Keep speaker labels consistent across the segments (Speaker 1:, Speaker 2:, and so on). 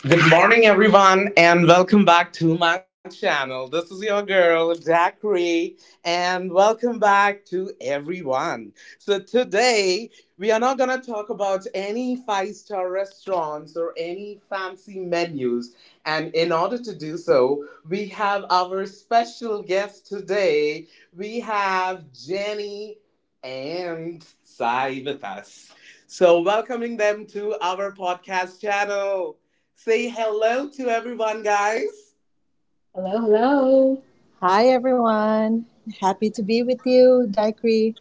Speaker 1: Good morning, everyone, and welcome back to my channel. This is your girl, Dakri, and welcome back to everyone. So, today we are not going to talk about any five-star restaurants or any fancy menus. And in order to do so, we have our special guest today. We have Jenny and Sai with us. So, welcoming them to our podcast channel. Say hello to everyone, guys.
Speaker 2: Hello,
Speaker 1: Hello.
Speaker 2: hello.
Speaker 3: Hi, everyone. Happy to be with you, Daikree.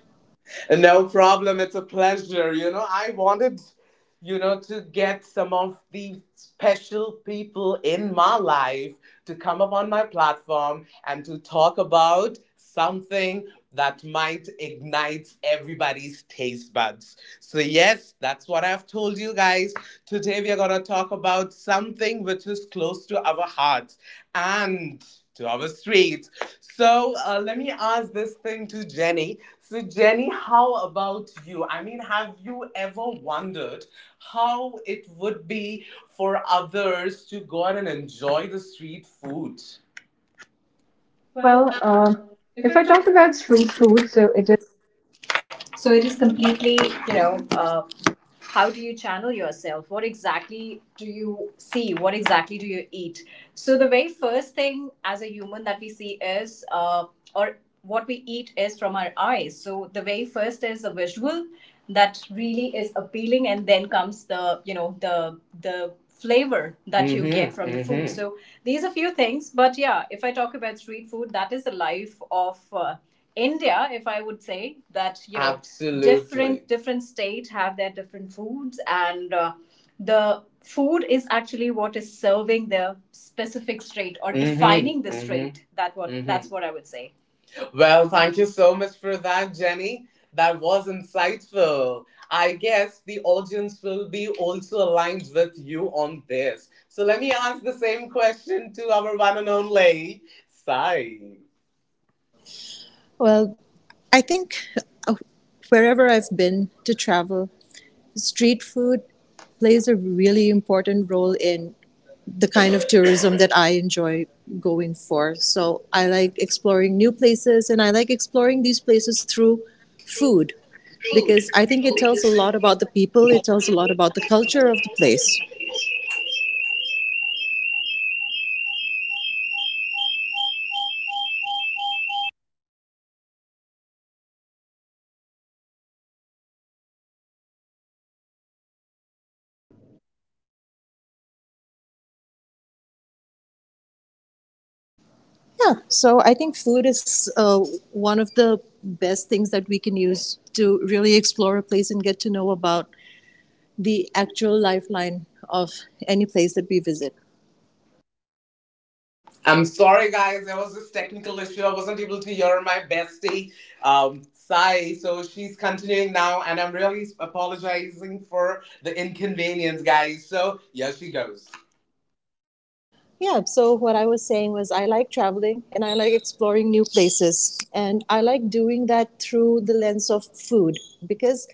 Speaker 1: No problem. It's a pleasure. You know, I wanted, you know, to get some of the special people in my life to come up on my platform and to talk about something that might ignite everybody's taste buds. So, yes, that's what I've told you guys. Today, we are going to talk about something which is close to our hearts and to our streets. So let me ask this thing to Jenny. So, Jenny, how about you? I mean, have you ever wondered how it would be for others to go out and enjoy the street food? Well,
Speaker 2: Well,
Speaker 1: if
Speaker 2: if
Speaker 1: I
Speaker 2: I
Speaker 1: talk
Speaker 2: talk
Speaker 1: about
Speaker 2: about
Speaker 1: street
Speaker 2: street food, so it
Speaker 1: food.
Speaker 2: is.
Speaker 1: So it is completely, you know, how do you channel yourself? What exactly do you see? What exactly do you eat? So the very first thing as a human that we see is, or what we eat is from our eyes. So the very first is a visual that really is appealing, and then comes the, you know, the flavor that you Mhm, get from the food. Mhm. So these are few things, but yeah, if I talk about street food, that is the life of. India, if I would say that, you know. Absolutely. Different different state have their different foods, and the food is actually what is serving the specific strait or Mhm, defining the mhm, strait. That what mhm, that's what I would say. Well, thank you so much for that, Jenny. That was insightful. I guess the audience will be also aligned with you on this. So let me ask the same question to our one and only Sai.
Speaker 3: Well, I think uh, wherever I've been to travel, street food plays a really important role in the kind of tourism that I enjoy going for. So I like exploring new places and I like exploring these places through food because I think it tells a lot about the people, it tells a lot about the culture of the place. Yeah, so I think food is one of the best things that we can use to really explore a place and get to know about the actual lifeline of any place that we visit.
Speaker 1: I'm sorry, guys. There was this technical issue. I wasn't able to hear my bestie, Sai. So she's continuing now, and I'm really apologizing for the inconvenience, guys. So, yeah, she goes.
Speaker 3: Yeah, so what I was saying was I like traveling and I like exploring new places. And I like doing that through the lens of food because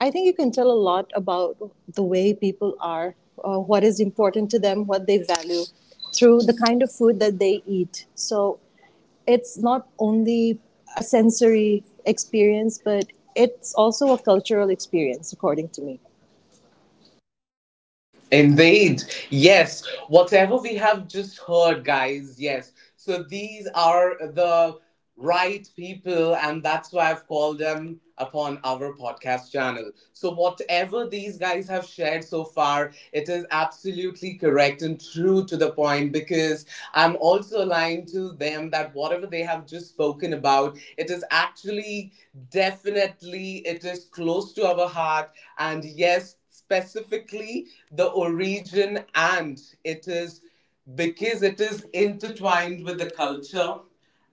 Speaker 3: I think you can tell a lot about the way people are, what is important to them, what they value through the kind of food that they eat. So it's not only a sensory experience, but it's also a cultural experience, according to me.
Speaker 1: Indeed. Yes. Whatever we have just heard, guys. Yes. So these are the right people, and that's why I've called them upon our podcast channel. So, whatever these guys have shared so far, it is absolutely correct and true to the point, because I'm also lying to them that whatever they have just spoken about, it is actually definitely it is close to our heart, and yes, specifically the origin, and it is because it is intertwined with the culture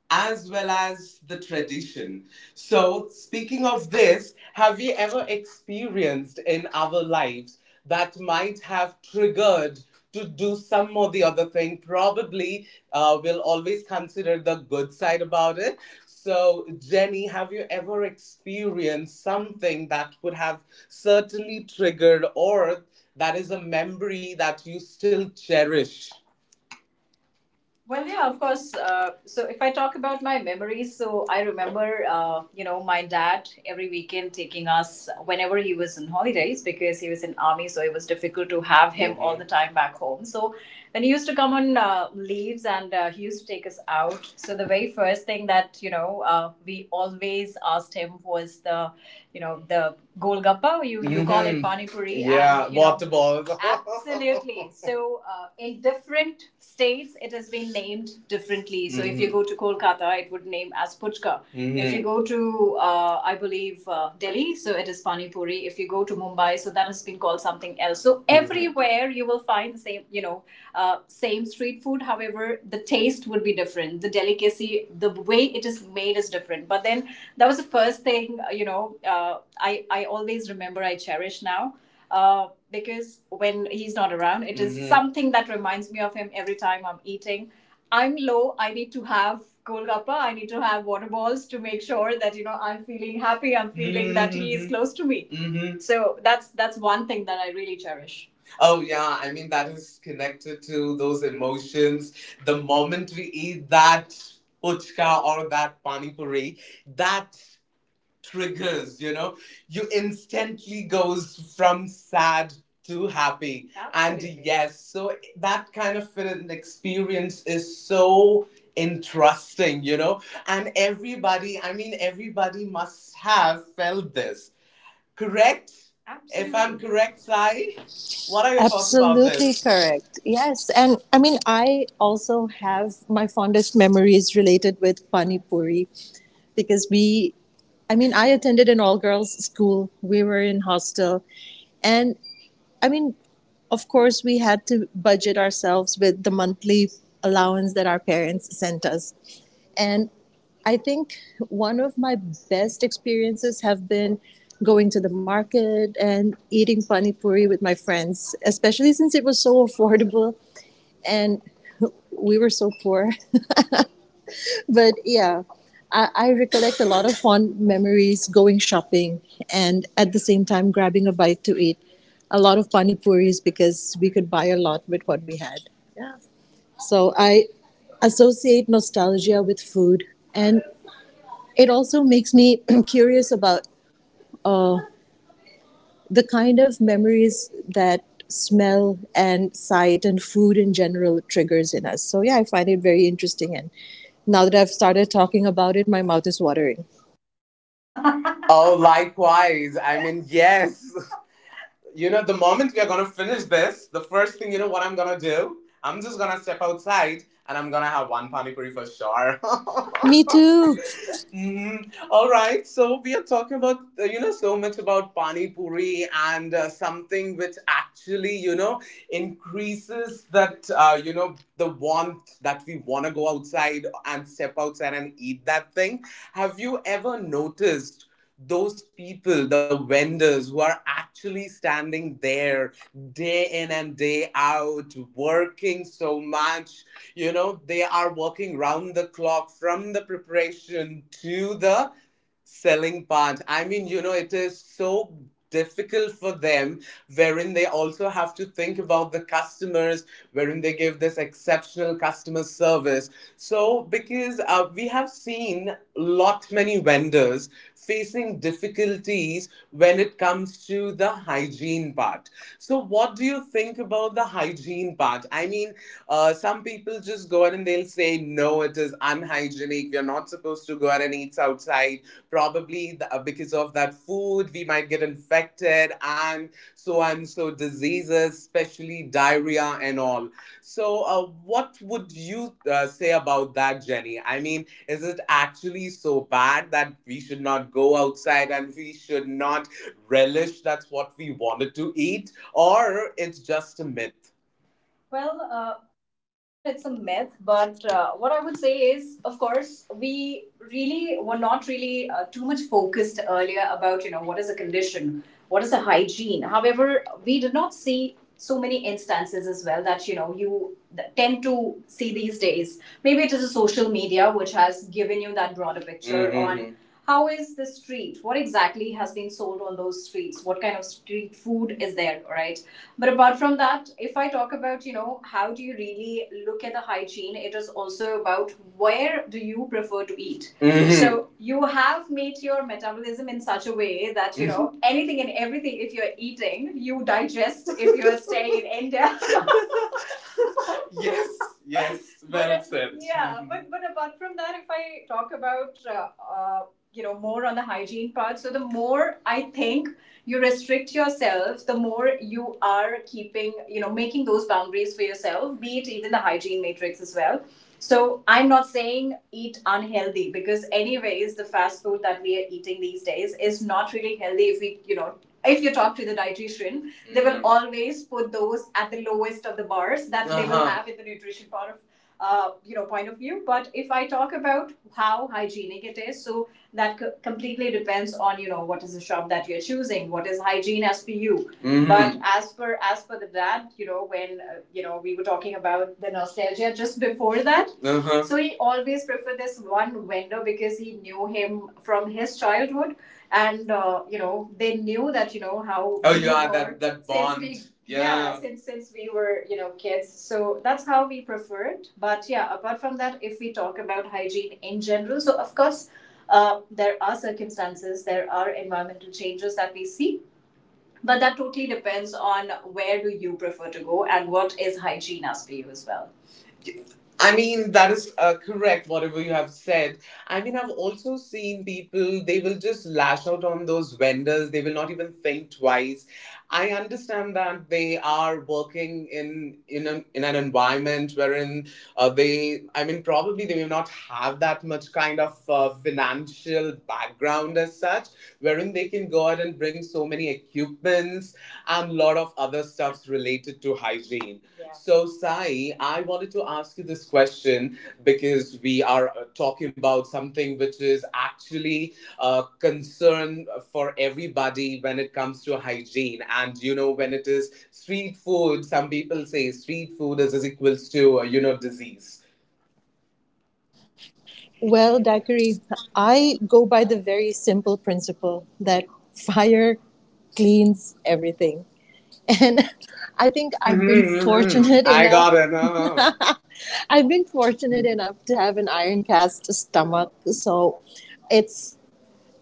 Speaker 1: as well as the tradition. So, speaking of this, have you ever experienced in our lives that might have triggered to do some or the other thing? Probably we'll always consider the good side about it. So, Jenny, have you ever experienced something that would have certainly triggered, or that is a memory that you still cherish? Well, yeah, of course. So if I talk about my memories, so I remember, you know, my dad every weekend taking us whenever he was on holidays, because he was in army, so it was difficult to have him all the time back home. So when he used to come on leaves, and he used to take us out, so the very first thing that, you know, we always asked him was the, you know, the golgappa. You mm-hmm, call it Mhm, pani puri. Yeah, and, you know, to ball. Absolutely. So, in different states, it has been named differently. So, mm-hmm, if you Mhm, go to Kolkata, it would name as puchka. Mm-hmm. If you Mhm, go to, I believe, Delhi, so it is pani puri. If you go to Mumbai, so that has been called something else. So, everywhere you will find the same, you know, same street food, however the taste would be different, the delicacy, the way it is made is different, but then that was the first thing, you know, I always remember, I cherish now, because when he's not around, it is Mhm, something that reminds me of him. Every time I'm eating, I'm low, I need to have golgappa, I need to have water balls to make sure that, you know, I'm feeling happy, I'm feeling mm-hmm, that he is Mhm, close to me Mhm. So that's one thing that I really cherish. Oh yeah, I mean, that is connected to those emotions. The moment we eat that puchka or that pani puri, that triggers, you know, you instantly goes from sad to happy. And Absolutely, yes, so that kind of an experience is so interesting, you know, and everybody, I mean everybody must have felt this. Correct? Absolutely. If I'm correct, Sai, what are your thoughts about
Speaker 3: Absolutely
Speaker 1: this?
Speaker 3: correct. Yes. And I mean, I also have my fondest memories related with Pani Puri because I mean, I attended an all girls school. We were in hostel. And I mean, of course, we had to budget ourselves with the monthly allowance that our parents sent us. And I think one of my best experiences have been going to the market and eating pani puri with my friends, especially since it was so affordable and we were so poor. But yeah, I recollect a lot of fond memories going shopping and at the same time grabbing a bite to eat a lot of pani puris because we could buy a lot with what we had. Yeah. So I associate nostalgia with food and it also makes me curious about the kind of memories that smell and sight and food in general triggers in us. So, yeah, I find it very interesting. And now that I've started talking about it, my mouth is watering.
Speaker 1: Oh, likewise. I mean, yes. You know, the moment we are going to finish this, the first thing, you know what I'm going to do? I'm just going to step outside, and I'm going to have one pani puri for sure.
Speaker 3: Me too.
Speaker 1: Mhm. All right. So we are talking about you know, so much about pani puri, and something which actually, you know, increases that, you know, the want that we want to go outside and step outside and eat that thing. Have you ever noticed those people, the vendors who are actually standing there day in and day out, working so much, you know, they are working round the clock from the preparation to the selling part. I mean, you know, it is so difficult for them, wherein they also have to think about the customers, wherein they give this exceptional customer service, so because we have seen lot many vendors facing difficulties when it comes to the hygiene part. So what do you think about the hygiene part? I mean, some people just go out and they'll say, no, it is unhygienic. We are not supposed to go out and eat outside. Probably because of that food, we might get infected and so on. So, diseases, especially diarrhea and all. So, what would you say about that, Jenny? I mean, is it actually so bad that we should not go outside, and we should not relish that's what we wanted to eat? Or it's just a myth? Well, say that it's a myth, but what I would say is, of course, we really were not really too much focused earlier about, you know, what is a condition, what is a hygiene. However, we did not see so many instances as well that, you know, you tend to see these days. Maybe it is a social media which has given you that broader picture Mhm, on how is the street, what exactly has been sold on those streets, what kind of street food is there, right? But apart from that, if I talk about, you know, how do you really look at the hygiene, it is also about where do you prefer to eat. Mhm. So you have made your metabolism in such a way that, you mm-hmm, know, anything and everything, if you're eating, you digest. If you're staying in India, yes, yes, well But, said. Yeah Mhm, but apart from that, if I talk about uh, you know, more on the hygiene part, so the more I think you restrict yourself, the more you are keeping, you know, making those boundaries for yourself, be it even the hygiene matrix as well. So I'm not saying eat unhealthy, because anyways the fast food that we are eating these days is not really healthy, if we, you know, if you talk to the dietitian Mm, they will always put those at the lowest of the bars that uh-huh, they will Uh-huh, have in the nutrition part of, you know, point of view. But if I talk about how hygienic it is, so that completely depends on, you know, what is the shop that you're choosing, what is hygiene as per you. Mhm. But as per the dad, you know, when you know, we were talking about the nostalgia just before that, uh-huh, so he always preferred this one vendor because he knew him from his childhood, and you know, they knew that, you know, how Oh we yeah, were that bond. Since bond, we, yeah. Yeah. Since we were, you know, kids, so that's how we prefer it. But yeah, apart from that, if we talk about hygiene in general, so of course, there are circumstances, there are environmental changes that we see, but that totally depends on where do you prefer to go and what is hygiene as for you as well. I mean, that is correct, whatever you have said. I mean, I've also seen people, they will just lash out on those vendors. They will not even think twice. I understand that they are working in an environment wherein I mean, probably they may not have that much kind of financial background as such, wherein they can go out and bring so many equipments and lot of other stuffs related to hygiene. Yeah. So, Sai, I wanted to ask you this question because we are talking about something which is actually a concern for everybody when it comes to hygiene. And, you know, when it is street food, some people say street food is equals to, you know, disease.
Speaker 3: Well, Dakari, I go by the very simple principle that fire cleans everything. And I think I've been
Speaker 1: Mm-hmm, mm-hmm.
Speaker 3: fortunate
Speaker 1: I
Speaker 3: enough.
Speaker 1: got it.
Speaker 3: I've been fortunate enough to have an iron cast stomach, so it's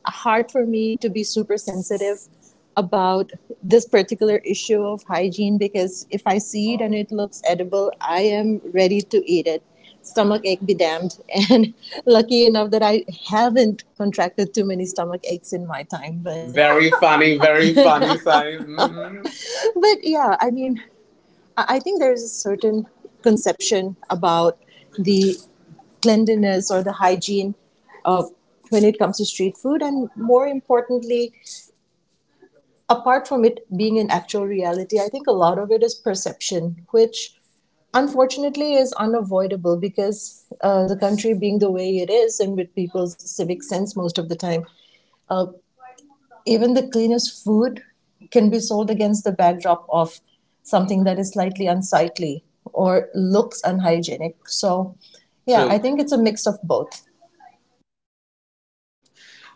Speaker 3: hard for me to be super sensitive about this particular issue of hygiene because if I see it and it looks edible, I am ready to eat it. Stomach ache be damned. And lucky enough that I haven't contracted too many stomach aches in my time. But
Speaker 1: Very funny, Sai.
Speaker 3: but yeah, I mean, I think there is a certain conception about the cleanliness or the hygiene uh, when it comes to street food. And more importantly, apart from it being an actual reality, I think a lot of it is perception, which unfortunately is unavoidable because the country being the way it is and with people's civic sense most of the time, even the cleanest food can be sold against the backdrop of something that is slightly unsightly or looks unhygienic. So, yeah, I
Speaker 1: True.
Speaker 3: think it's a mix of both.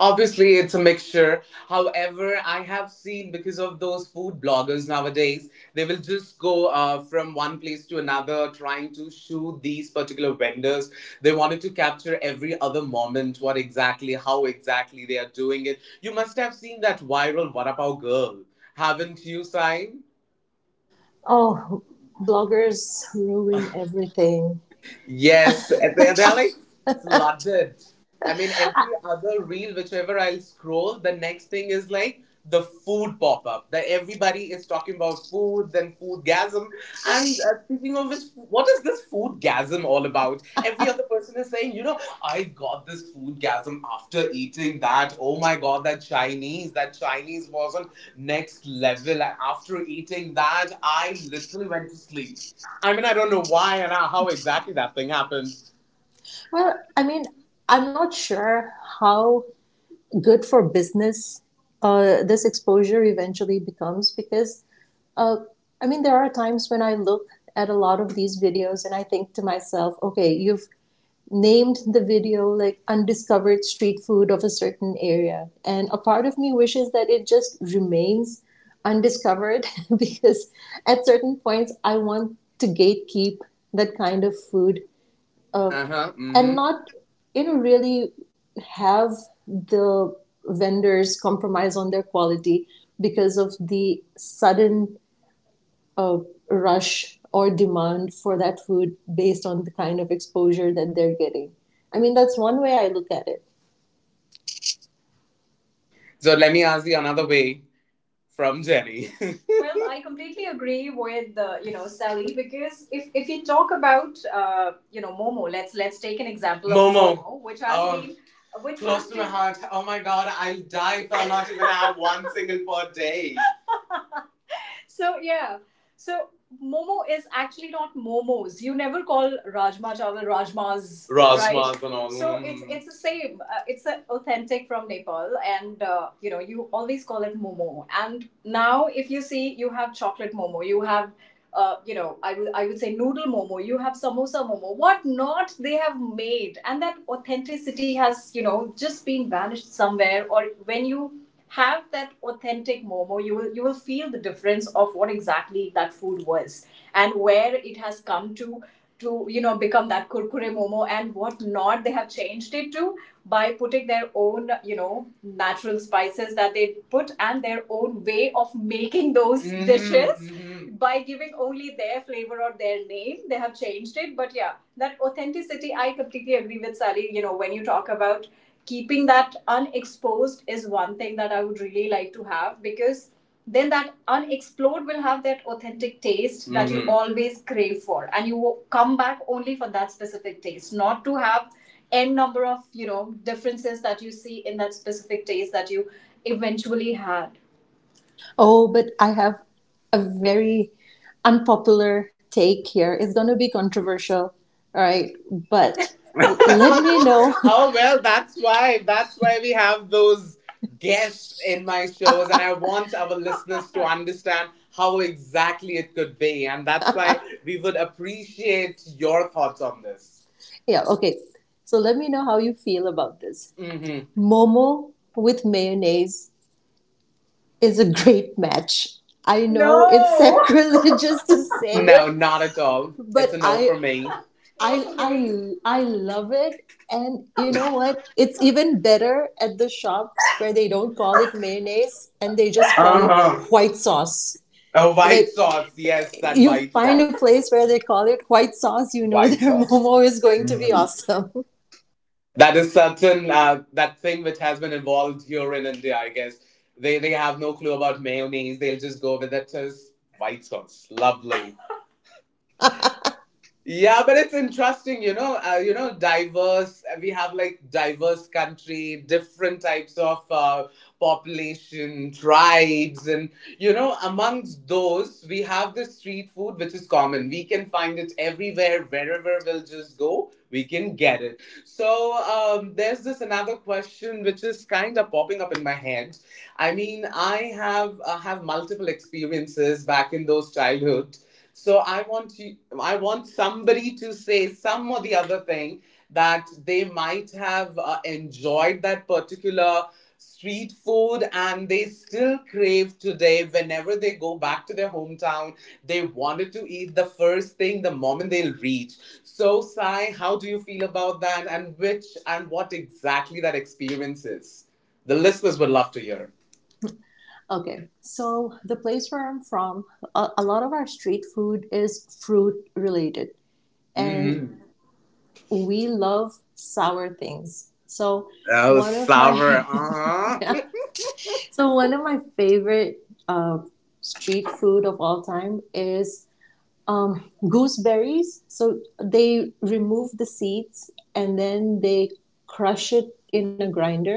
Speaker 1: Obviously, it's a mixture. However, I have seen because of those food bloggers nowadays, they will just go from one place to another trying to shoot these particular vendors. They wanted to capture every other moment, what exactly, how exactly they are doing it. You must have seen that viral Varapao girl, haven't you, Sai?
Speaker 3: Oh, bloggers ruin everything.
Speaker 1: Yes, and they're like flooded. I mean, every other reel, whichever I'll scroll, the next thing is like the food pop up that everybody is talking about food, then food gasm. And speaking of which, what is this food gasm all about? Every other person is saying, you know, I got this food gasm after eating that. Oh my god, that Chinese was on next level. After eating that, I literally went to sleep. I mean, I don't know why and how exactly that thing happened.
Speaker 3: Well, I mean, I'm not sure how good for business this exposure eventually becomes because, uh, I mean, there are times when I look at a lot of these videos and I think to myself, okay, you've named the video like undiscovered street food of a certain area. And a part of me wishes that it just remains undiscovered because at certain points I want to gatekeep that kind of food
Speaker 1: Uh huh.
Speaker 3: and
Speaker 1: Mm-hmm.
Speaker 3: not, you know, really have the vendors compromise on their quality because of the sudden a rush or demand for that food based on the kind of exposure that they're getting. I mean, that's one way I look at it.
Speaker 1: So let me ask you another way from Jenny. Well, I completely agree with you know Sally because if you talk about you know Momo, let's take an example Momo. Of Momo, Momo which has Oh. been which close to my heart. Oh my god, I'll die if I'm not even have one single per day. So yeah. So Momo is actually not Momos. You never call Rajma chawal Rajmas. Rajmas right? And all. So it's the same. It's authentic from Nepal, and you know you always call it momo. And now, if you see, you have chocolate momo. You have. You know, I would say noodle momo. You have samosa momo. What not they have made, and that authenticity has you know just been vanished somewhere. Or when you have that authentic momo you will feel the difference of what exactly that food was and where it has come to you know become that kurkure momo and what not they have changed it to by putting their own you know natural spices that they put and their own way of making those mhm, dishes mhm. By giving only their flavor or their name they have changed it. But yeah, that authenticity I completely agree with Sally, you know, when you talk about keeping that unexposed is one thing that I would really like to have because then that unexplored will have that authentic taste that mm-hmm. You mhm. always crave for and you come back only for that specific taste, not to have n number of you know differences that you see in that specific taste that you eventually had.
Speaker 3: Oh, but I have a very unpopular take here. It's going to be controversial, all right? But let me know.
Speaker 1: Oh well that's why we have those guests in my shows and I want our listeners to understand how exactly it could be and that's why we would appreciate your thoughts on this.
Speaker 3: Yeah, okay. So let me know how you feel about this.
Speaker 1: hmm
Speaker 3: Momo with mayonnaise is a great match. I
Speaker 1: No.
Speaker 3: know it's sacrilegious to say it,
Speaker 1: No, not at all.
Speaker 3: but
Speaker 1: It's a no for me. No for me.
Speaker 3: I love it, and you know what? It's even better at the shops where they don't call it mayonnaise and they just call it
Speaker 1: Uh-huh.
Speaker 3: white sauce.
Speaker 1: Oh,
Speaker 3: Like,
Speaker 1: white sauce. Yes, that
Speaker 3: you
Speaker 1: white
Speaker 3: find a
Speaker 1: sauce.
Speaker 3: place where they call it white sauce, you know
Speaker 1: White
Speaker 3: their
Speaker 1: sauce.
Speaker 3: momo is going to be awesome.
Speaker 1: That is certain. That thing which has been involved here in India, I guess. They have no clue about mayonnaise. They'll just go with it as white sauce. Lovely. Yeah, but it's interesting, you know, diverse. We have like diverse country, different types of population, tribes, and you know, amongst those, we have the street food, which is common. We can find it everywhere, wherever we'll just go, we can get it. So there's this another question which is kind of popping up in my head. I mean, I have have multiple experiences back in those childhood, so I want you, I want somebody to say some or the other thing that they might have enjoyed that particular street food and they still crave today whenever they go back to their hometown, they wanted to eat the first thing the moment they'll reach. So Sai, how do you feel about that and which and what exactly that experience is, the listeners would love to hear.
Speaker 3: Okay, so the place where I'm from, a lot of our street food is fruit related, and
Speaker 1: Mm-hmm.
Speaker 3: we love sour things. So
Speaker 1: Oh
Speaker 3: one of
Speaker 1: sour,
Speaker 3: my
Speaker 1: uh-huh.
Speaker 3: so one of my favorite uh, street food of all time is gooseberries. So they remove the seeds and then they crush it in a grinder,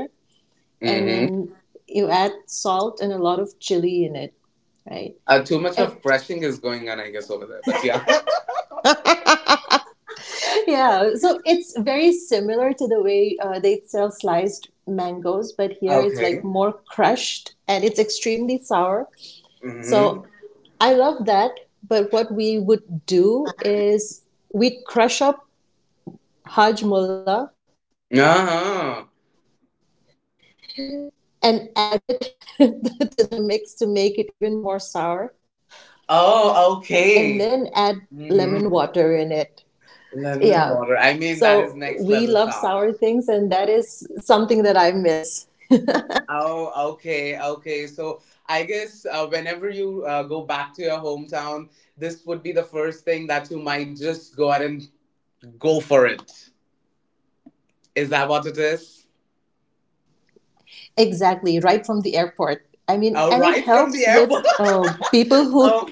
Speaker 3: and
Speaker 1: Mm-hmm.
Speaker 3: then you add salt and a lot of chili in it, right?
Speaker 1: Too much
Speaker 3: Eh,
Speaker 1: of crushing is going on, I guess, over there. But yeah.
Speaker 3: yeah, so it's very similar to the way they sell sliced mangoes, but here it's like
Speaker 1: Okay.
Speaker 3: more crushed and it's extremely sour.
Speaker 1: Mm-hmm.
Speaker 3: So I love that. But what we would do is we'd crush up hajmola
Speaker 1: Uh-huh.
Speaker 3: and add it to the mix to make it even more sour, and then add lemon
Speaker 1: Oh,
Speaker 3: water in it.
Speaker 1: okay.
Speaker 3: Yeah.
Speaker 1: Mm-hmm.
Speaker 3: So we love
Speaker 1: Lemon
Speaker 3: sour
Speaker 1: water.
Speaker 3: things,
Speaker 1: I
Speaker 3: and
Speaker 1: mean,
Speaker 3: that
Speaker 1: that is
Speaker 3: is
Speaker 1: next level
Speaker 3: something that I
Speaker 1: sour.
Speaker 3: miss.
Speaker 1: Oh, okay, okay. So I guess whenever you go back to your hometown, this would be the first thing that you might just go out and go for it. Is that what it is?
Speaker 3: Exactly, right from the airport. I mean, and it helps with
Speaker 1: Oh, right from the
Speaker 3: people
Speaker 1: airport.
Speaker 3: who,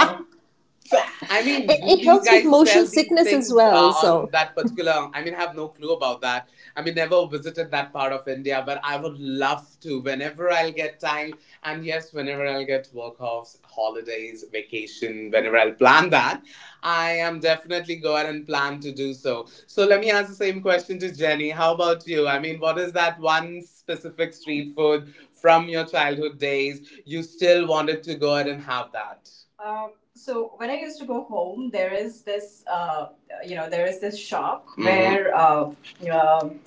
Speaker 1: Oh,
Speaker 3: it,
Speaker 1: so
Speaker 3: it helps
Speaker 1: I
Speaker 3: with
Speaker 1: mean, do
Speaker 3: motion
Speaker 1: these
Speaker 3: sickness
Speaker 1: guys
Speaker 3: as
Speaker 1: sell
Speaker 3: well.
Speaker 1: these
Speaker 3: So
Speaker 1: things on that particular? I mean, I have no clue about that. I mean, never visited that part of India, but I would love to whenever I'll get time, and yes, whenever I'll get work offs, holidays, vacation, whenever I'll plan that, I am definitely go ahead and plan to do so. So let me ask the same question to Jenny. How about you? I mean, what is that one specific street food from your childhood days you still wanted to go ahead and have that? So when I used to go home, there is this, you know, there is this shop mm-hmm. where um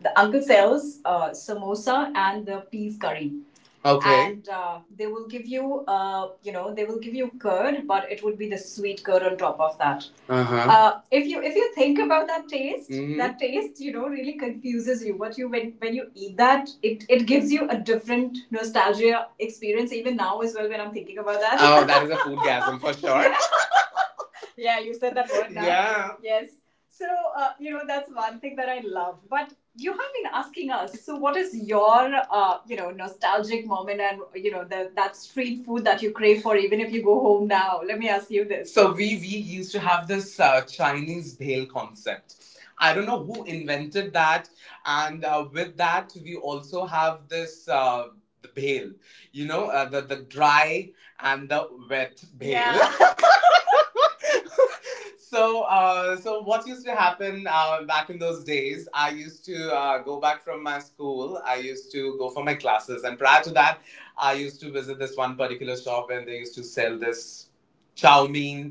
Speaker 1: the uncle sells samosa and the peas curry. Okay. And they will give you, you know, they will give you curd, but it would be the sweet curd on top of that. Uh huh. If you think about that taste, mhm. That taste you know really confuses you. But you when you eat that, it gives you a different nostalgia experience. Even now as well, when I'm thinking about that. Oh, that is a food gasm for sure. Yeah, you said that word now. Yeah. Yes. So, you know, that's one thing that I love. But you have been asking us, so what is your, you know, nostalgic moment and, you know, the, that street food that you crave for even if you go home now? Let me ask you this. So we used to have this Chinese bhel concept. I don't know who invented that, and with that we also have this. The bhel, you know, the dry and the wet bhel. Yeah, so so what used to happen back in those days I used to go back from my school, I used to go for my classes and prior to that I used to visit this one particular shop and they used to sell this chow mein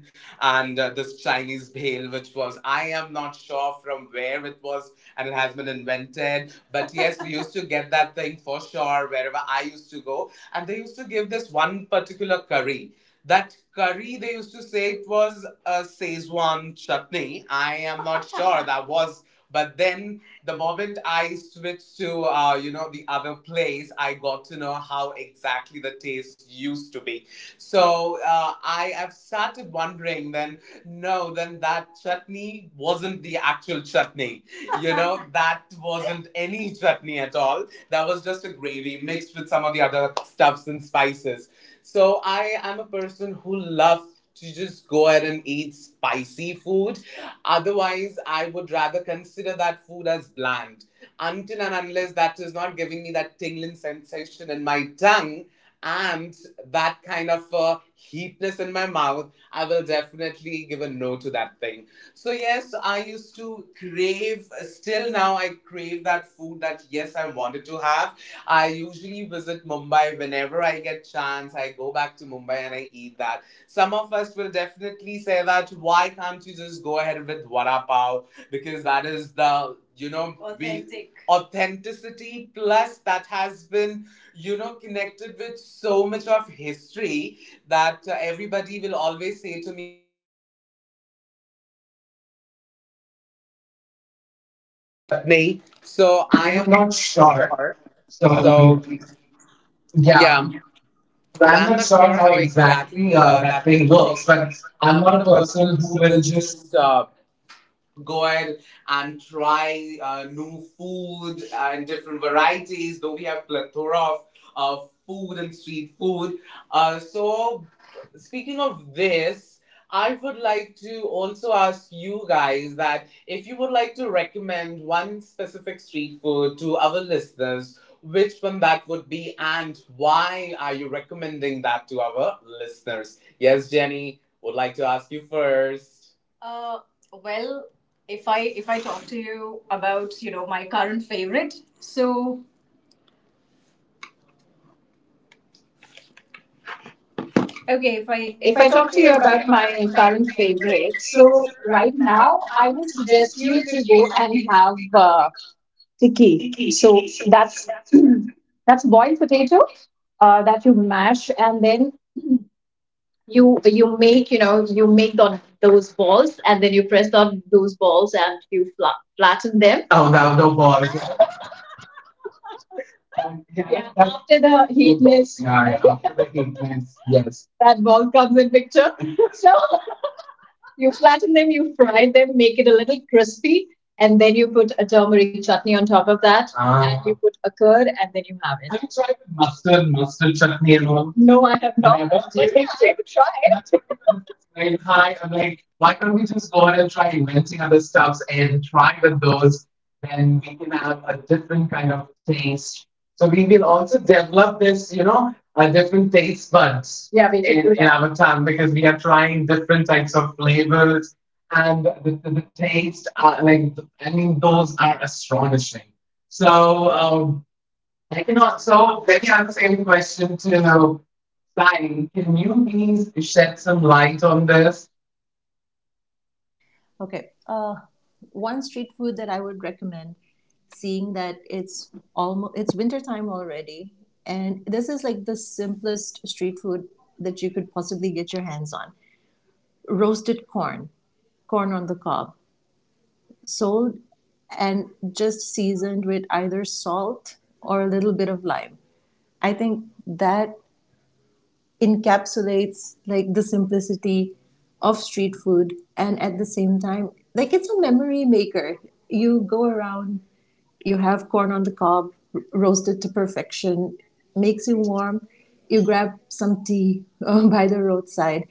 Speaker 1: and this Chinese bhel which was I am not sure from where it was and it has been invented, but yes we used to get that thing for sure wherever I used to go, and they used to give this one particular curry. That curry they used to say it was a Szechuan chutney. I am not sure that was, but then the moment I switched to you know the other place, I got to know how exactly the taste used to be. So I have started wondering then. No, then that chutney wasn't the actual chutney. You know that wasn't any chutney at all. That was just a gravy mixed with some of the other stuffs and spices. So I am a person who loves to just go ahead and eat spicy food. Otherwise, I would rather consider that food as bland. Until and unless that is not giving me that tingling sensation in my tongue and that kind of heatness in my mouth, I will definitely give a no to that thing. So, yes, I used to crave, still now I crave that food that, yes, I wanted to have. I usually visit Mumbai whenever I get chance. I go back to Mumbai and I eat that. Some of us will definitely say that why can't you just go ahead with vada pav because that is the you know we- authentic, authenticity plus that has been you know me.
Speaker 2: So
Speaker 1: So
Speaker 2: I
Speaker 1: I
Speaker 2: am
Speaker 1: am
Speaker 2: not
Speaker 1: not
Speaker 2: sure.
Speaker 1: sure.
Speaker 2: So
Speaker 1: So
Speaker 2: yeah,
Speaker 1: yeah,
Speaker 2: but
Speaker 1: but
Speaker 2: I'm
Speaker 1: I'm
Speaker 2: not
Speaker 1: not
Speaker 2: sure
Speaker 1: sure
Speaker 2: how
Speaker 1: how
Speaker 2: exactly
Speaker 1: exactly
Speaker 2: that
Speaker 1: that
Speaker 2: thing
Speaker 1: thing
Speaker 2: works.
Speaker 1: works,
Speaker 2: But
Speaker 1: but
Speaker 2: I'm
Speaker 1: I'm
Speaker 2: not
Speaker 1: not
Speaker 2: a
Speaker 1: a
Speaker 2: person
Speaker 1: person
Speaker 2: who
Speaker 1: who
Speaker 2: will
Speaker 1: will
Speaker 2: just.
Speaker 1: just go ahead and try new food and different varieties, though we have plethora of food and street food. So, speaking of this, I would like to also ask you guys that if you would like to recommend one specific street food to our listeners, which one that would be and why are you recommending that to our listeners? Yes, Jenny, would like to ask you first. Uh, well, if I talk to you about you know my current favorite, so okay, if
Speaker 2: If I,
Speaker 1: I
Speaker 2: if
Speaker 1: if
Speaker 2: I
Speaker 1: I talk
Speaker 2: talk
Speaker 1: to
Speaker 2: to
Speaker 1: you
Speaker 2: you about
Speaker 1: about my
Speaker 2: my current
Speaker 1: current favorite,
Speaker 2: favorite,
Speaker 1: so
Speaker 2: so right
Speaker 1: right
Speaker 2: now
Speaker 1: now
Speaker 2: I
Speaker 1: I would
Speaker 2: would
Speaker 1: suggest
Speaker 2: suggest you
Speaker 1: you
Speaker 2: to go
Speaker 1: to
Speaker 2: and have tikki. So that's boiled potato that you mash and then you make you make on those balls and then you press on those balls and you flatten them. Oh no, no balls. Yeah, yeah, after the heat list, yeah, yeah, after the heat. Yes, yes, that ball comes in picture. So you flatten them, you fry them, make it a little crispy, and then you put a turmeric chutney on top of that. Ah. And you put a curd, and then you have it. Have you tried mustard chutney and all? No, I have. And I have not. Was. But really, I would try it. Hi, I'm like, why can't we just go out and try inventing other stuffs and try with those? Then we can have a different kind of taste. So we will also develop this, different taste buds. Yeah, we in, do in that. Avatar, because we are trying different types of flavors and the taste. Are, like, I mean, those are astonishing. So um, I cannot. So let me ask the same question to Sai. Can you please shed some light on this?
Speaker 3: okay. One street food that I would recommend, seeing that it's almost it's winter time already, and this is like the simplest street food that you could possibly get your hands on. Roasted corn, corn on the cob, sold and just seasoned with either salt or a little bit of lime. I think that encapsulates like the simplicity of street food and at the same time like it's a memory maker. You go around, you have corn on the cob roasted to perfection, makes you warm, you grab some tea by the roadside,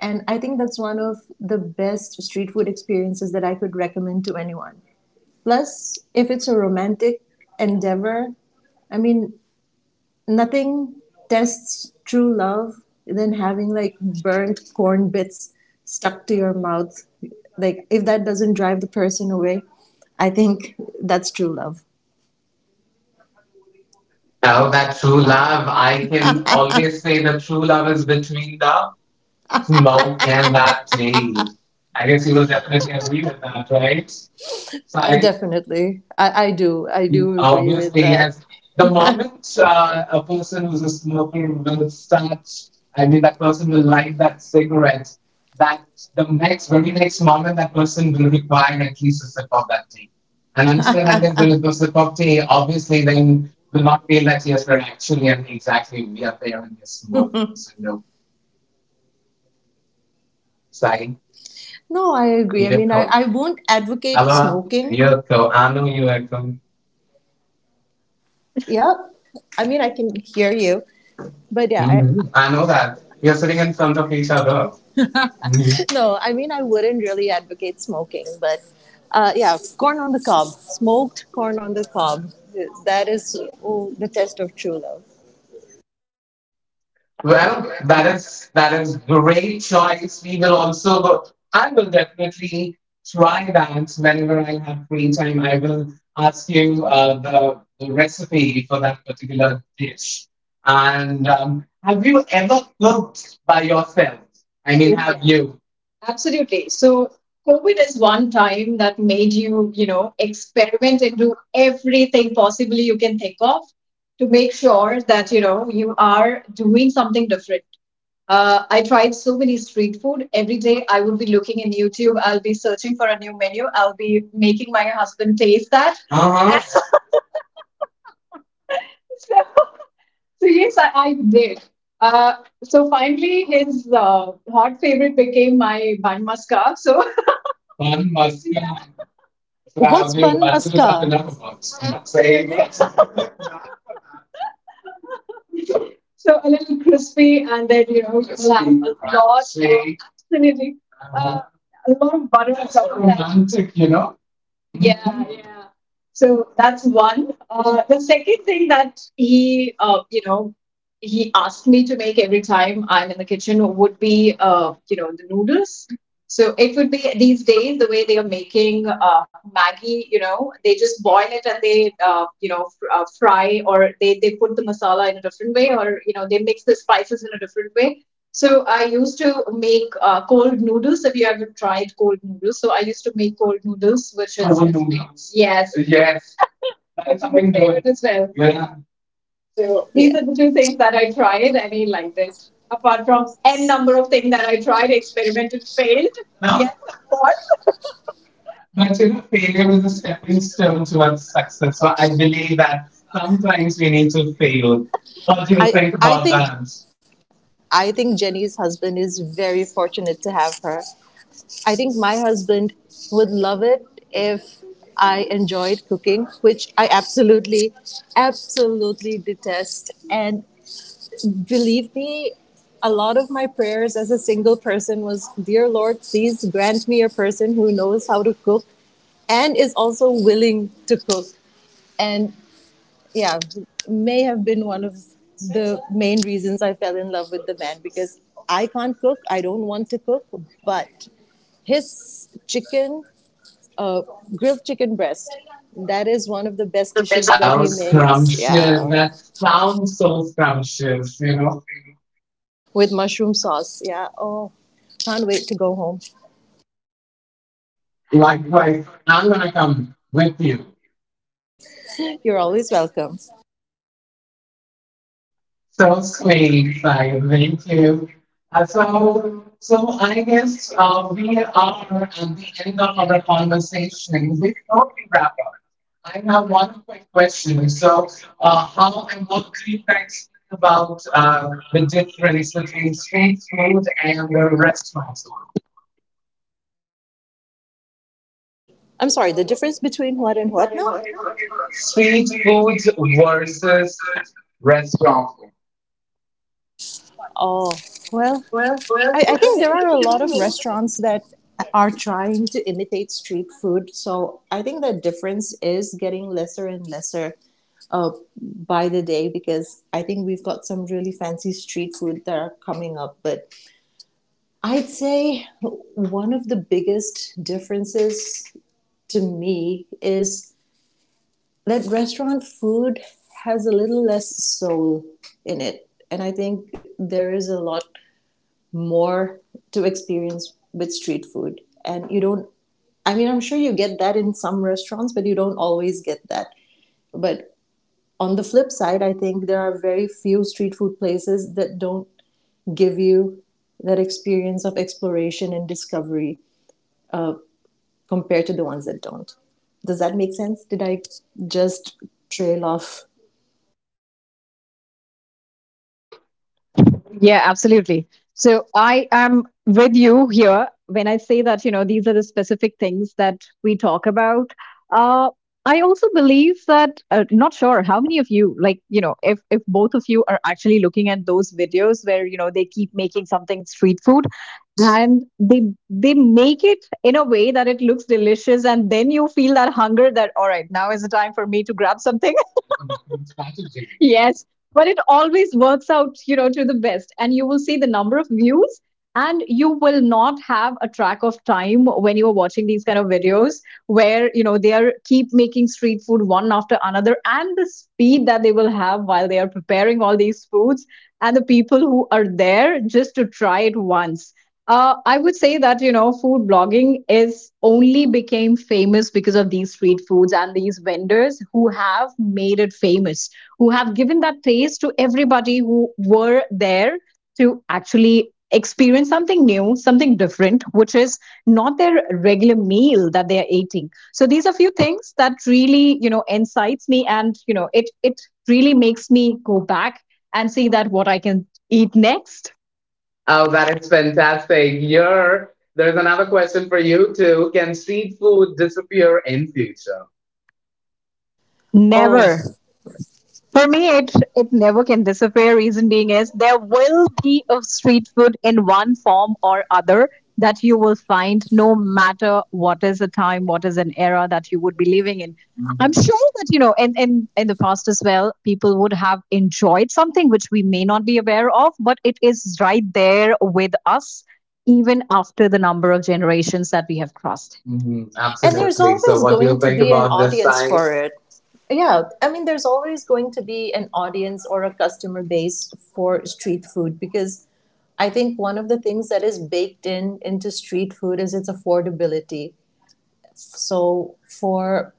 Speaker 3: and I think that's one of the best street food experiences that I could recommend to anyone. Plus, if it's a romantic endeavor, I mean, nothing tests true love than having like burnt corn bits stuck to your mouth. Like, if that doesn't drive the person away, I think that's true love.
Speaker 2: Now that true love, I can always say that true love is between the smoke and that tail. I guess you will definitely agree with that, right? Sai?
Speaker 3: Definitely. I do. I do agree with
Speaker 2: Obviously,
Speaker 3: that.
Speaker 2: yes. The moment a person who's a smoker will start, I mean, that person will light that cigarette, that the next, very next moment, that person will require at least a sip of that tea. And until and unless there is no sip of tea, obviously, then will not feel that, yes, we're actually and exactly, we are there and we're smoking. So, no, Sai,
Speaker 3: No, I
Speaker 2: do
Speaker 3: agree. I
Speaker 2: you
Speaker 3: mean, I,
Speaker 2: go?
Speaker 3: I won't advocate
Speaker 2: Hello, do
Speaker 3: smoking.
Speaker 2: you go? I know you echo.
Speaker 3: Yeah. I mean, I can hear you. But yeah, I,
Speaker 2: Mhm. I know that. You're sitting in front of each other.
Speaker 3: no, I mean, I wouldn't really advocate smoking, but yeah, corn on the cob, smoked corn on the cob. That is oh, the test of true love.
Speaker 2: Well, that is great choice. We will also go. I will definitely try that whenever I have free time. I will ask you the recipe for that particular dish. And have you ever cooked by yourself? I mean, have, yeah, you? Absolutely. So COVID is one time that made you, experiment and do everything possibly you can think of to make sure that you are doing something different. I tried so many street food every day. I would be looking in YouTube. I'll be searching for a new menu. I'll be making my husband taste that. Uh-huh. so, So yes, I did. Uh, so finally, his uh, hot favorite became my bun masca. So bun masca. Wow,
Speaker 3: What's
Speaker 2: we were
Speaker 3: bun
Speaker 2: about to up
Speaker 3: maska?
Speaker 2: enough about saying it. So a little crispy and then, crispy, like a lot. Absolutely. Uh, a lot of butter on top of that. Romantic, you know. Yeah, yeah. So that's one. The second thing that he, he asked me to make every time I'm in the kitchen would be, the noodles. So it would be these days the way they are making Maggi. You know, they just boil it and they, fry or they put the masala in a different way or they mix the spices in a different way. So I used to make cold noodles. Have you ever tried cold noodles? So I used to make cold noodles, which is cold noodles. Yes, yes, that is my something good favorite as well. Yeah. So these
Speaker 3: Yeah,
Speaker 2: are the two things that I tried, and he liked it. Apart from n number of things that I tried, experimented, failed. Now, yes, of course. But you know, failure is a stepping stone towards success. So I believe that sometimes we need to fail. What do you
Speaker 3: I
Speaker 2: think
Speaker 3: I
Speaker 2: about
Speaker 3: think
Speaker 2: that?
Speaker 3: I think Jenny's husband is very fortunate to have her. I think my husband would love it if I enjoyed cooking, which I absolutely absolutely detest, and believe me, a lot of my prayers as a single person was, Dear Lord, please grant me a person who knows how to cook and is also willing to cook. And yeah, may have been one of the main reasons I fell in love with the man because I can't cook. I don't want to cook, but his chicken, uh, grilled chicken breast, that is one of the best dishes that
Speaker 2: I
Speaker 3: he
Speaker 2: was
Speaker 3: makes.
Speaker 2: scrumptious.
Speaker 3: Yeah.
Speaker 2: That sounds so scrumptious, you know.
Speaker 3: With mushroom sauce. Yeah. Oh, can't wait to go home.
Speaker 2: Likewise, I'm gonna come with you.
Speaker 3: You're always welcome.
Speaker 2: So sweet, like thank you. So I guess we are at the end of our conversation. Before we wrap up, I have one quick question. So, how and what do you guys think about the difference between street food and the restaurant food?
Speaker 3: I'm sorry, the difference between what and
Speaker 2: Street
Speaker 3: what now?
Speaker 2: foods versus restaurant
Speaker 3: Oh, well,
Speaker 2: food.
Speaker 3: I think there are a lot of restaurants that are trying to imitate street food. So I think the difference is getting lesser and lesser uh, by the day because I think we've got some really fancy street food that are coming up. But I'd say one of the biggest differences to me is that restaurant food has a little less soul in it. And I think there is a lot more to experience with street food. And you don't, I mean, I'm sure you get that in some restaurants, but you don't always get that. But on the flip side, I think there are very few street food places that don't give you that experience of exploration and discovery uh, compared to the ones that don't. Does that make sense? Did I just trail off?
Speaker 2: Yeah, absolutely. So I am with you here when I say that, these are the specific things that we talk about. Uh, I also believe that, not sure how many of you, like, if both of you are actually looking at those videos where, they keep making something street food, and they make it in a way that it looks delicious, and then you feel that hunger that all right now is the time for me to grab something. Yes, but it always works out, to the best, and you will see the number of views, and you will not have a track of time when you are watching these kind of videos where they are keep making street food one after another, and the speed that they will have while they are preparing all these foods, and the people who are there just to try it once. I would say that food blogging is only became famous because of these street foods and these vendors who have made it famous, who have given that taste to everybody who were there to actually experience something new, something different, which is not their regular meal that they are eating. So these are few things that really, incites me, and, it really makes me go back and see that what I can eat next. Oh, that is fantastic. You're, there's another question for you too. Can street food disappear in future?
Speaker 3: Oh,
Speaker 2: Never. For me, it never can disappear. Reason being is there will be a street food in one form or other that you will find, no matter what is the time, what is an era that you would be living in. I'm sure that in the past as well, people would have enjoyed something which we may not be aware of, but it is right there with us even after the number of generations that we have crossed. Mhm,
Speaker 3: and there's
Speaker 2: absolutely. So,
Speaker 3: always
Speaker 2: what do you
Speaker 3: going to
Speaker 2: think
Speaker 3: be an
Speaker 2: about this,
Speaker 3: audience
Speaker 2: Sai?
Speaker 3: for it. Yeah, I mean, there's always going to be an audience or a customer base for street food because I think one of the things that is baked in into street food is its affordability. So for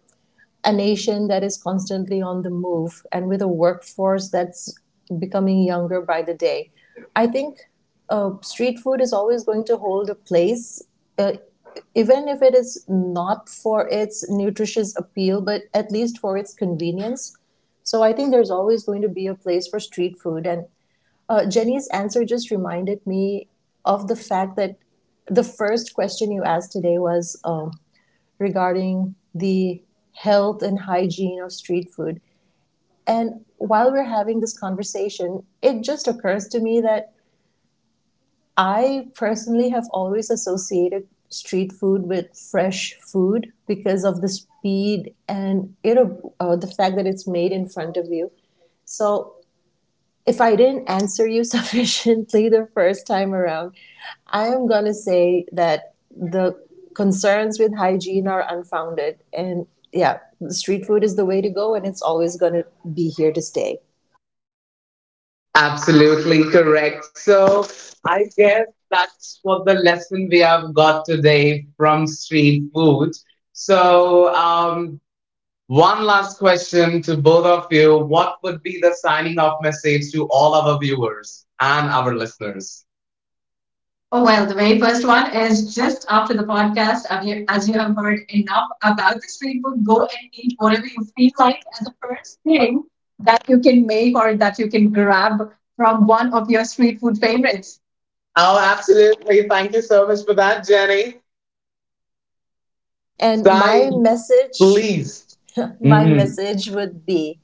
Speaker 3: a nation that is constantly on the move and with a workforce that's becoming younger by the day. I think street food is always going to hold a place, uh, even if it is not for its nutritious appeal, but at least for its convenience. So I think there's always going to be a place for street food. And Jenny's answer just reminded me of the fact that the first question you asked today was regarding the health and hygiene of street food. And while we're having this conversation, it just occurs to me that I personally have always associated street food with fresh food because of the speed and it, the fact that it's made in front of you. So if I didn't answer you sufficiently the first time around, I am going to say that the concerns with hygiene are unfounded. And yeah, street food is the way to go, and it's always going to be here to stay.
Speaker 2: Absolutely correct. So I guess that's what the lesson we have got today from street food. So one last question to both of you: what would be the signing off message to all our viewers and our listeners? Oh, well, the very first one is just after the podcast. As you have heard enough about the street food, go and eat whatever you feel like as the first thing that you can make or that you can grab from one of your street food favorites. Oh, absolutely. Thank you so much for that, Jenny.
Speaker 3: And
Speaker 2: Sai,
Speaker 3: my message,
Speaker 2: please.
Speaker 3: my message would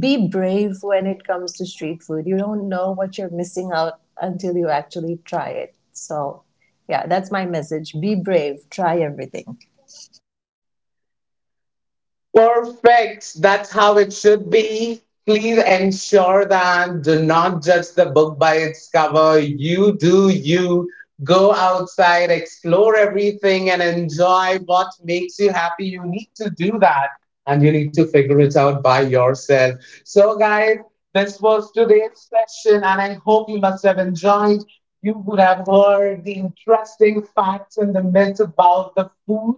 Speaker 3: be brave when it comes to street food. You don't know what you're missing out until you actually try it. So, yeah, that's my message. Be brave, try everything.
Speaker 2: Perfect. That's how it should be. Please ensure that do not judge the book by its cover. You do you. Go outside, explore everything, and enjoy what makes you happy. You need to do that and you need to figure it out by yourself. So, guys, this was today's session, and I hope you must have enjoyed. You would have heard the interesting facts and the myths about the food,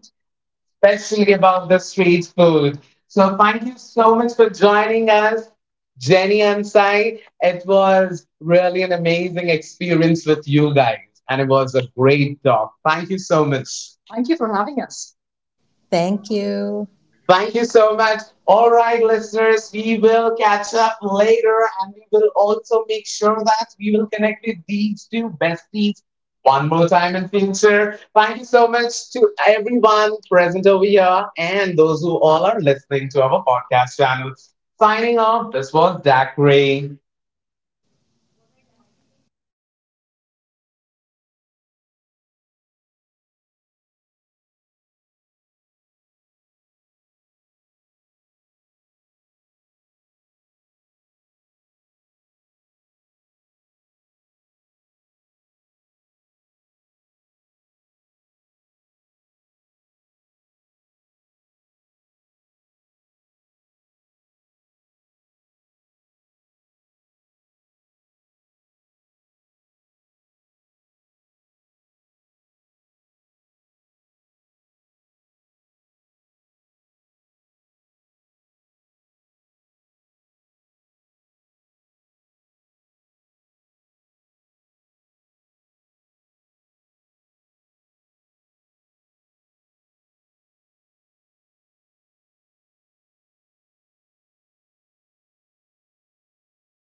Speaker 2: especially about the street food. So thank you so much for joining us, Jenny and Sai. It was really an amazing experience with you guys, and it was a great talk. Thank you so much. Thank you for having us.
Speaker 3: Thank you.
Speaker 2: Thank you so much. All right, listeners, we will catch up later and we will also make sure that we will connect with these two besties one more time in future. Thank you so much to everyone present over here and those who all are listening to our podcast channel. Signing off, this was Zachary.